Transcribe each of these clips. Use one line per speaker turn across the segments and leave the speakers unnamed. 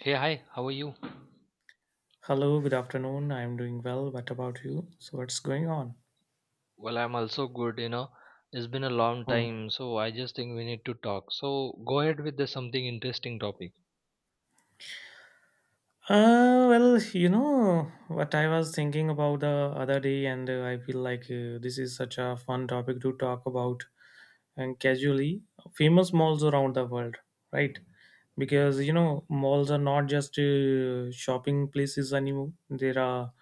Hey, hi, how are you?
Hello, good afternoon. I'm doing well. What about you? So, what's going on?
I'm also good, It's been a long
Hmm.
time, so I just think we need to talk. So go ahead with the something interesting topic.
Well, what I was thinking about the other day, and I feel like this is such a fun topic to talk about and casually. Famous malls around the world, right? Because you know, malls are not just shopping places anymore. There are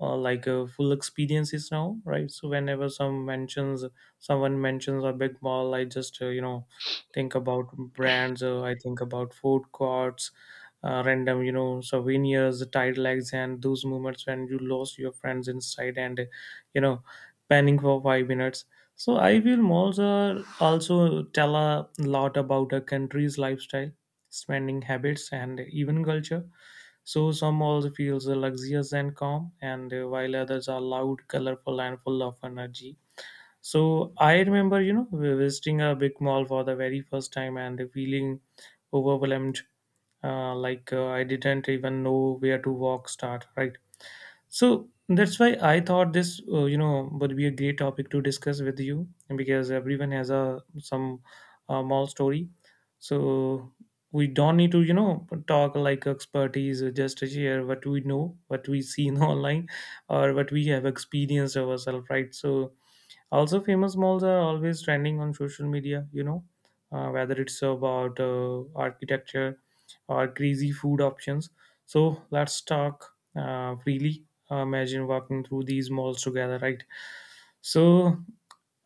full experiences now, right? So whenever someone mentions a big mall, I just think about brands. I think about food courts, random, you know, souvenirs, tide legs, and those moments when you lost your friends inside and you know panning for 5 minutes. So I feel malls are also tell a lot about a country's lifestyle, spending habits, and even culture. So some also feels luxurious and calm, and while others are loud, colorful, and full of energy. So I remember, you know, visiting a big mall for the very first time and feeling overwhelmed. I didn't even know where to walk. Start, right? So that's why I thought this, you know, would be a great topic to discuss with you, because everyone has a some mall story. So we don't need to, you know, talk like expertise. Just to share what we know, what we seen online, or what we have experienced ourselves, right? So also, famous malls are always trending on social media, you know, whether it's about architecture or crazy food options. So let's talk freely. Imagine walking through these malls together, right? So,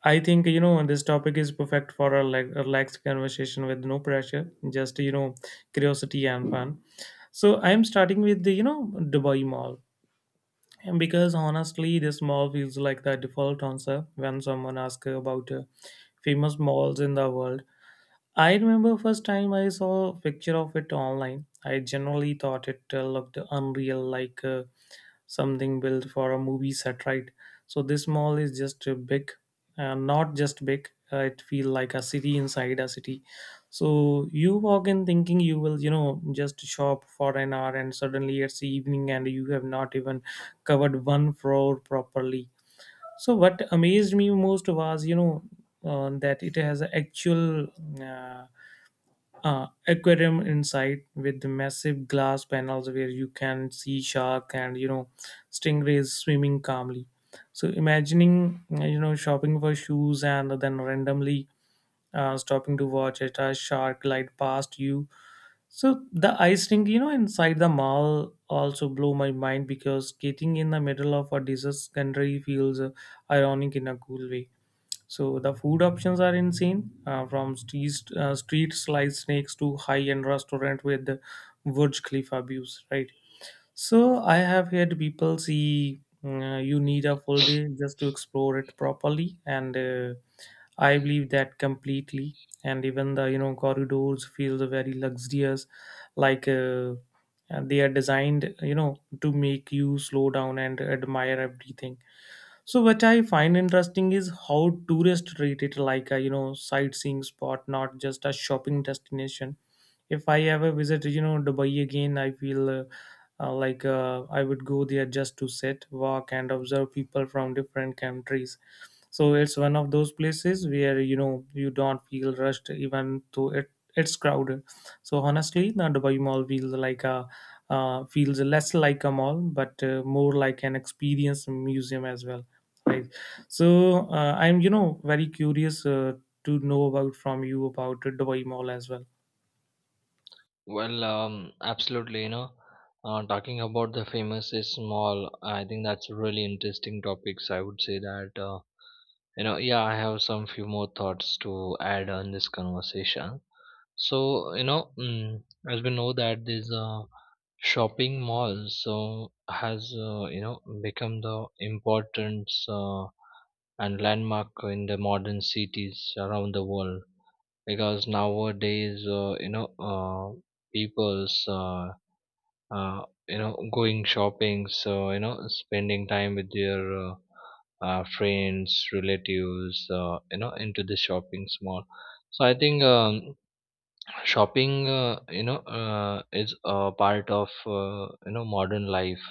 I think, you know, this topic is perfect for a like relaxed conversation with no pressure, just, you know, curiosity and fun. So, I'm starting with the, you know, Dubai Mall. And because honestly, this mall feels like the default answer when someone asks about famous malls in the world. I remember first time I saw a picture of it online. I generally thought it looked unreal, like something built for a movie set, right? So this mall is just big. Not just big, it feel like a city inside a city. So you walk in thinking you will, you know, just shop for an hour, and suddenly it's evening and you have not even covered one floor properly. So what amazed me most was, you know, that it has a actual uh, aquarium inside with the massive glass panels where you can see shark and, you know, stingrays swimming calmly. So imagining, you know, shopping for shoes and then randomly stopping to watch it a shark glide past you. So the ice rink, you know, inside the mall also blow my mind, because skating in the middle of a desert country feels ironic in a cool way. So the food options are insane, from street sliced snakes to high-end restaurant with the Burj Khalifa views, right? So I have heard people see, mm, you need a full day just to explore it properly, and I believe that completely. And even the, you know, corridors feel very luxurious, like uh, and they are designed, you know, to make you slow down and admire everything. So what I find interesting is how tourists treat it like a, you know, sightseeing spot, not just a shopping destination. If I ever visit, you know, Dubai again, I feel I would go there just to sit, walk, and observe people from different countries. So it's one of those places where, you know, you don't feel rushed even though it's crowded. So honestly the Dubai Mall feels like a feels less like a mall but more like an experience museum as well, right? So I'm, you know, very curious to know about from you about Dubai Mall as well.
Absolutely, talking about the famous is small. I think that's a really interesting topics. I would say that, yeah, I have some few more thoughts to add on this conversation. So, as we know that there's a shopping mall so has become the importance and landmark in the modern cities around the world because nowadays people's uh, going shopping, so spending time with their friends, relatives, into the shopping mall. So I think, shopping is a part of modern life.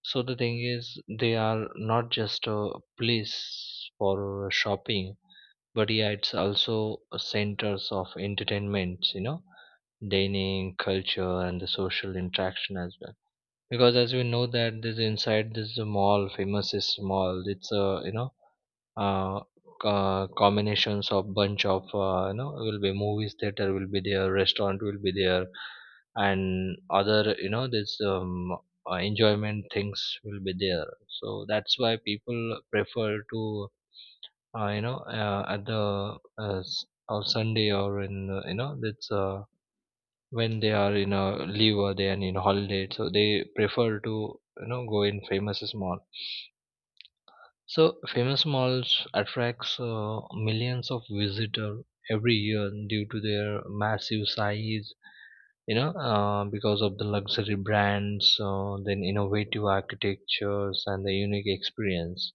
So the thing is they are not just a place for shopping, but yeah, it's also a centers of entertainment, dining culture and the social interaction as well, because as we know that this inside this mall famous is mall, it's a, uh, combinations of bunch of, will be movies theater will be there, restaurant will be there, and other, you know this enjoyment things will be there. So that's why people prefer to, at the, or Sunday, or in, that's, when they are in a leave or they are in holiday, so they prefer to, go in famous mall. So famous malls attracts millions of visitors every year due to their massive size, because of the luxury brands, then innovative architectures and the unique experience.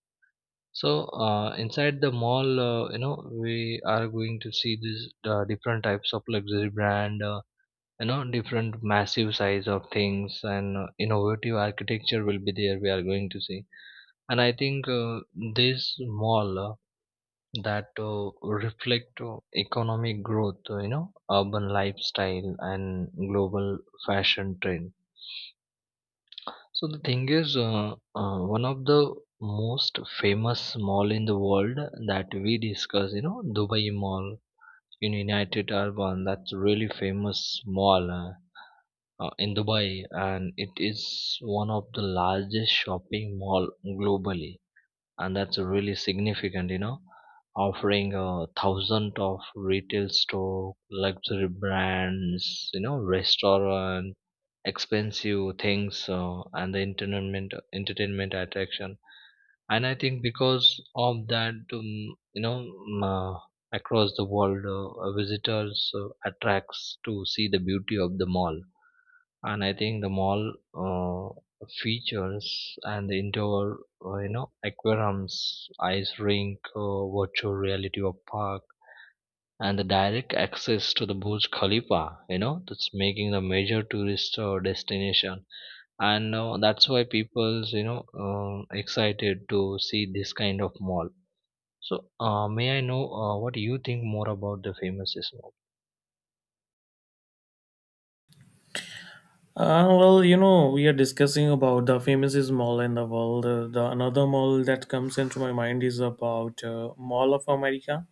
So inside the mall, we are going to see these different types of luxury brand. Different massive size of things, and innovative architecture will be there, we are going to see. And I think this mall, that reflect economic growth, urban lifestyle and global fashion trend. So the thing is, one of the most famous mall in the world that we discuss, Dubai Mall in United Urban, that's really famous mall, in Dubai, and it is one of the largest shopping mall globally, and that's really significant, offering a thousand of retail store, luxury brands, restaurant, expensive things, and the entertainment attraction. And I think because of that, you know, um, uh, across the world, visitors attracts to see the beauty of the mall. And I think the mall features and the indoor, aquariums, ice rink, virtual reality or park, and the direct access to the Burj Khalifa, that's making the major tourist destination, and that's why people's, excited to see this kind of mall. So, may I know what you think more about the famous mall?
You know, we are discussing about the famous mall in the world. The another mall that comes into my mind is about Mall of America.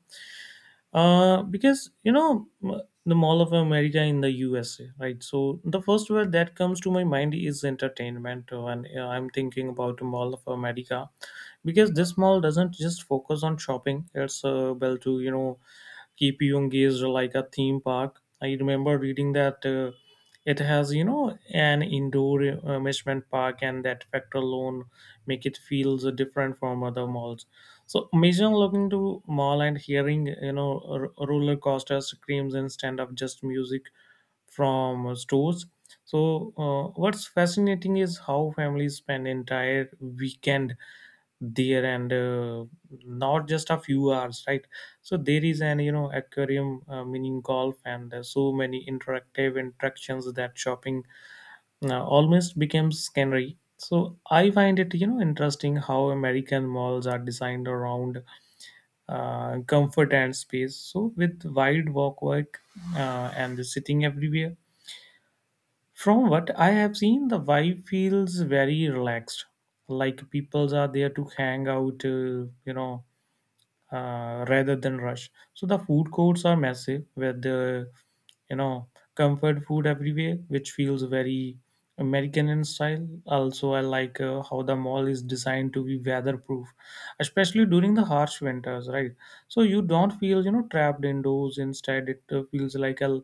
Because, you know, the Mall of America in the USA, right? So the first word that comes to my mind is entertainment, and I'm thinking about the Mall of America, because this mall doesn't just focus on shopping; it's well to, you know, keep you engaged, like a theme park. I remember reading that it has, you know, an indoor amusement park, and that factor alone make it feels different from other malls. So imagine looking to mall and hearing, you know, roller coaster screams instead of just music from stores. So, what's fascinating is how families spend entire weekend there and not just a few hours, right? So there is an, you know, aquarium, mini golf, and so many interactive interactions that shopping almost becomes scenery. So I find it, you know, interesting how American malls are designed around comfort and space, so with wide walkway and the sitting everywhere. From what I have seen the vibe feels very relaxed, like peoples are there to hang out, you know rather than rush. So the food courts are massive, with the, you know, comfort food everywhere, which feels very American in style. Also, I like how the mall is designed to be weatherproof, especially during the harsh winters, right? So you don't feel, you know, trapped indoors. Instead, it feels like a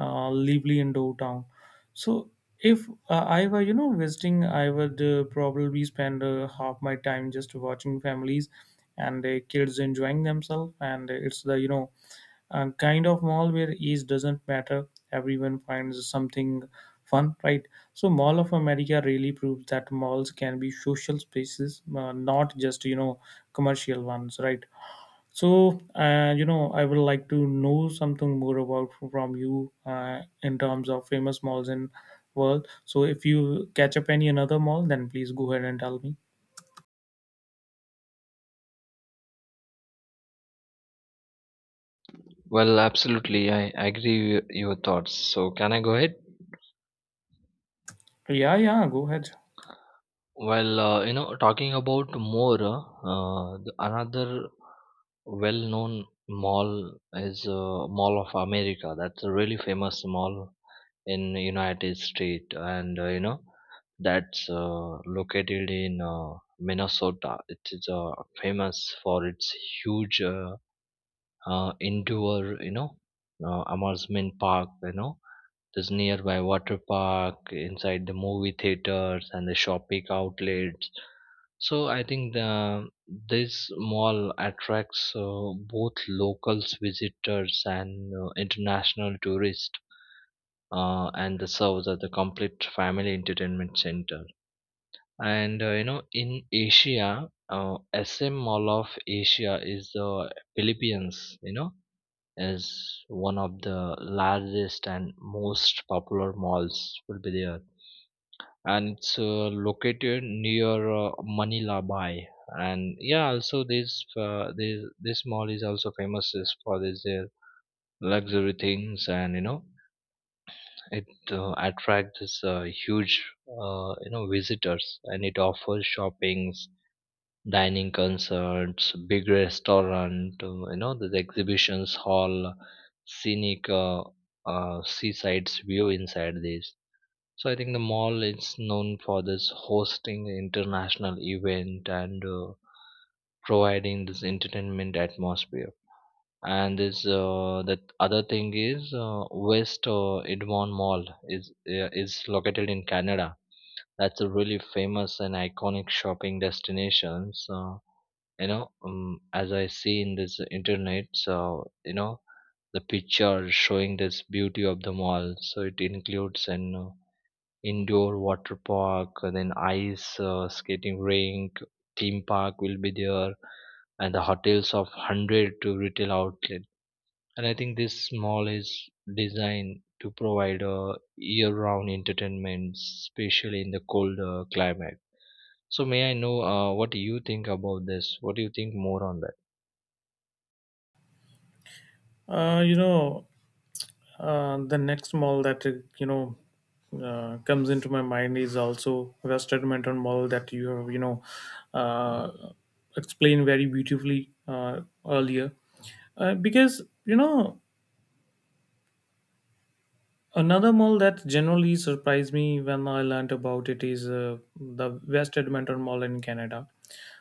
lively indoor town. So if I were, you know, visiting, I would probably spend half my time just watching families and kids enjoying themselves. And it's the, you know, kind of mall where age doesn't matter. Everyone finds something fun, right? So Mall of America really proves that malls can be social spaces, not just, you know, commercial ones, right? So, you know, I would like to know something more about from you in terms of famous malls in world. So, if you catch up any another mall, then please go ahead and tell me.
Well, absolutely. I agree with your thoughts. So, can I go ahead?
Yeah, yeah, go ahead.
Well, talking about more, another well-known mall is Mall of America. That's a really famous mall in United States, and, that's located in Minnesota. It is famous for its huge, indoor, amusement park. You know, there's nearby water park, inside the movie theaters and the shopping outlets. So I think this mall attracts both locals visitors and international tourists, and the serves as a complete family entertainment center. And, in Asia, SM Mall of Asia is the Philippines. You know, is one of the largest and most popular malls will be there, and it's located near Manila Bay. And yeah, also this mall is also famous is for this luxury things, and you know it attracts this huge visitors, and it offers shoppings, dining concerts, big restaurant, the exhibitions hall, scenic seaside view inside this. So I think the mall is known for this hosting international event and providing this entertainment atmosphere. And this that other thing is West Edmond Mall is located in Canada. That's a really famous and iconic shopping destination. So you know, as I see in this internet, so you know the picture showing this beauty of the mall. So it includes and indoor water park, and then ice skating rink, theme park will be there, and the hotels of 100 to retail outlet. And I think this mall is designed to provide a year round entertainment, especially in the cold climate. So may I know what do you think about this, what do you think more on that?
Uh, you know, the next mall that you know comes into my mind is also West Edmonton Mall that you have, you know, uh, explained very beautifully earlier, because you know another mall that generally surprised me when I learned about it is the West Edmonton Mall in Canada.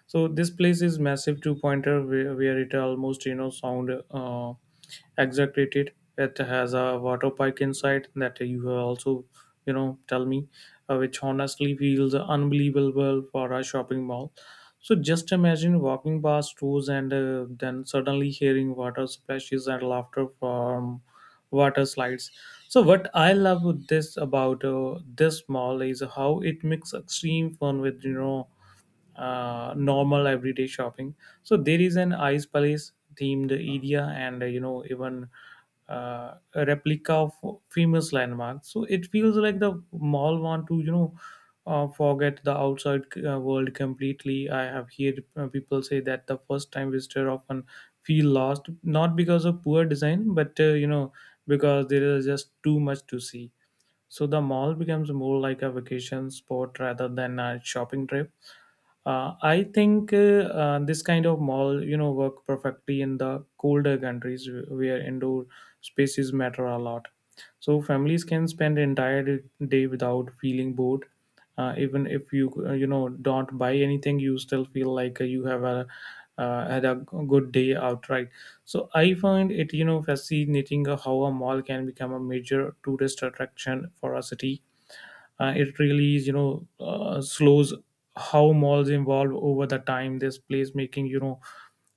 So this place is massive two-pointer where it almost, you know, sound exaggerated. It has a water park inside that you have also, you know, tell me, which honestly feels unbelievable for a shopping mall. So just imagine walking past stores and then suddenly hearing water splashes and laughter from water slides. So what I love with this about this mall is how it mixes extreme fun with, you know, normal everyday shopping. So there is an ice palace themed area, and you know even a replica of famous landmarks. So it feels like the mall want to, you know, forget the outside world completely. I have heard people say that the first time visitor often feel lost, not because of poor design, but you know because there is just too much to see. So the mall becomes more like a vacation spot rather than a shopping trip. I think this kind of mall, you know, work perfectly in the colder countries where indoor spaces matter a lot. So families can spend entire day without feeling bored. Even if you you know don't buy anything, you still feel like you have a had a good day outright. So I find it, you know, fascinating how a mall can become a major tourist attraction for a city. It really is, you know, slows how malls evolve over the time. This place making, you know,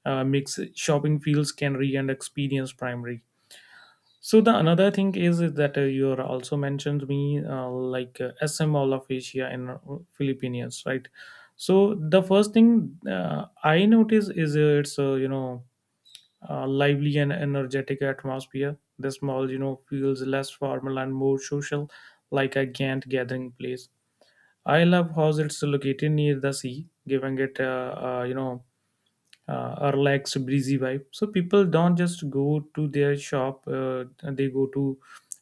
makes shopping feels canary and experience primary. So the another thing is that you are also mentioned me SM all of Asia and Philippines, right? So the first thing I notice is it's you know lively and energetic atmosphere. This mall, you know, feels less formal and more social, like a Gantt gathering place. I love how it's located near the sea, giving it a, you know, a relaxed, breezy vibe. So people don't just go to their shop; they go to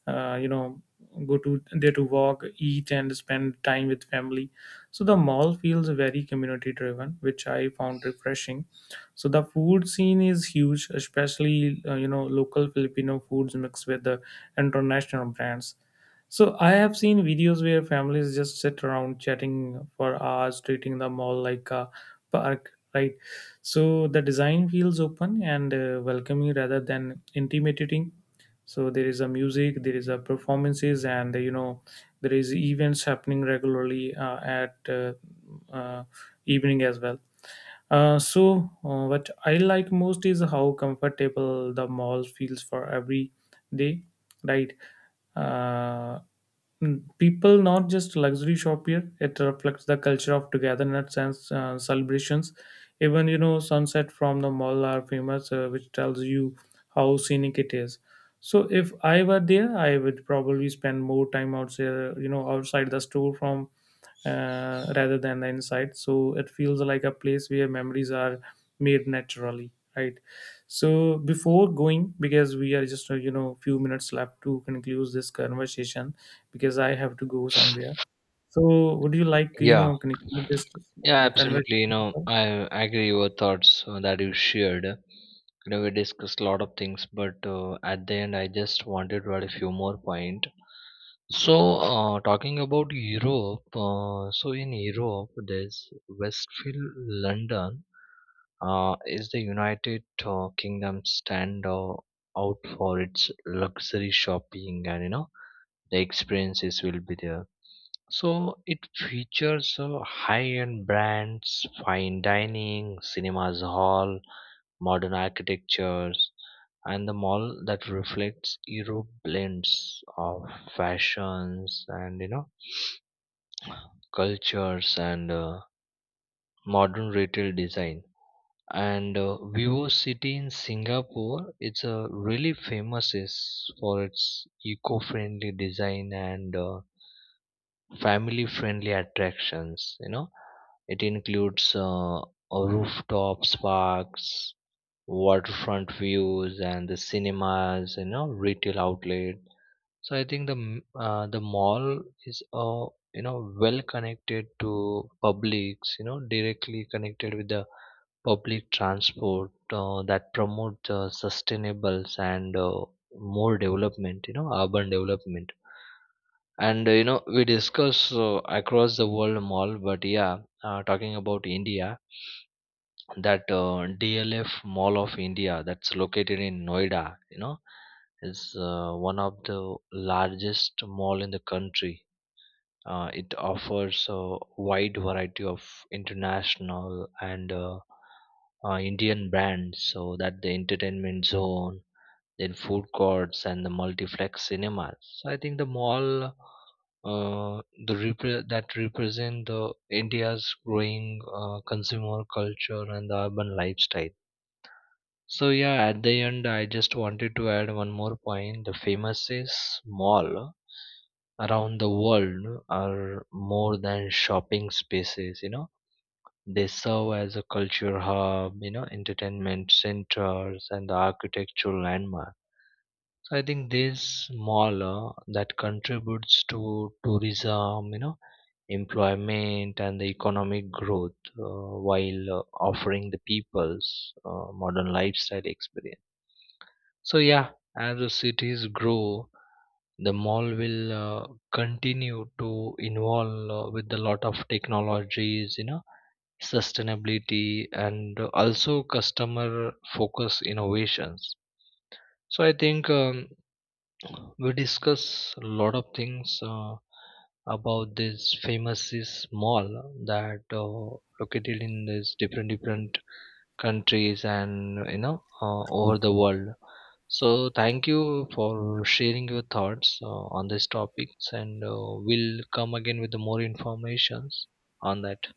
uh, you know there to walk, eat, and spend time with family. So the mall feels very community driven, which I found refreshing. So the food scene is huge, especially, you know, local Filipino foods mixed with the international brands. So I have seen videos where families just sit around chatting for hours, treating the mall like a park, right? So the design feels open and welcoming rather than intimidating. So there is a music, there is a performances, and, you know, there is events happening regularly at uh, evening as well. So, what I like most is how comfortable the mall feels for every day, right? Uh, People not just luxury shop here; it reflects the culture of togetherness and celebrations. Even, you know, sunset from the mall are famous, which tells you how scenic it is. So, if I were there, I would probably spend more time outside, you know, outside the store from rather than the inside. So it feels like a place where memories are made naturally, right? So before going, because we are just you know few minutes left to conclude this conversation because I have to go somewhere, so would you like, you
Yeah,
know, conclude this
yeah, absolutely, you
conversation as
know,
well?
I agree your thoughts that you shared. You know, we discussed a lot of things, but at the end, I just wanted to add a few more point. So talking about Europe, so in Europe there's Westfield London, is the United Kingdom stand out for its luxury shopping, and you know the experiences will be there. So it features high-end brands, fine dining, cinemas hall, modern architectures, and the mall that reflects Europe blends of fashions, and you know, cultures, and modern retail design. And Vivo City in Singapore, it's a really famous is for its eco-friendly design and family-friendly attractions. You know, it includes rooftop parks, waterfront views, and the cinemas. You know, retail outlet. So I think the mall is you know well connected to publics, you know, directly connected with the public transport that promote sustainables and more development, you know, urban development. And, we discuss across the world mall, but yeah, talking about India, that DLF Mall of India, that's located in Noida, you know, is one of the largest mall in the country. It offers a wide variety of international and, Indian brands, so that the entertainment zone, then food courts, and the multiplex cinemas. So I think the mall, that represent the India's growing consumer culture and the urban lifestyle. So yeah, at the end, I just wanted to add one more point. The famous is mall around the world are more than shopping spaces. You know, they serve as a culture hub, you know, entertainment centers, and the architectural landmark. So I think this mall that contributes to tourism, you know, employment and the economic growth, while offering the people's modern lifestyle experience. So yeah, as the cities grow, the mall will continue to involve with a lot of technologies, you know, sustainability and also customer focus innovations. So I think, we discuss a lot of things about this famous is mall that located in this different different countries, and you know over the world. So thank you for sharing your thoughts on these topics, and we'll come again with the more informations on that.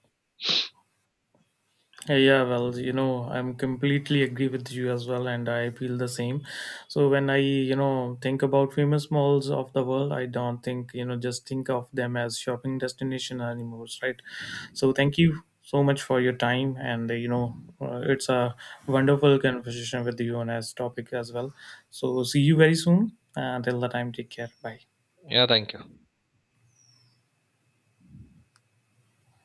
Yeah, well, you know, I'm completely agree with you as well, and I feel the same. So when I, you know, think about famous malls of the world, I don't think, you know, just think of them as shopping destination anymore, right? So thank you so much for your time, and you know, it's a wonderful conversation with you on as topic as well. So see you very soon. Till the time, take care. Bye.
Yeah, thank you.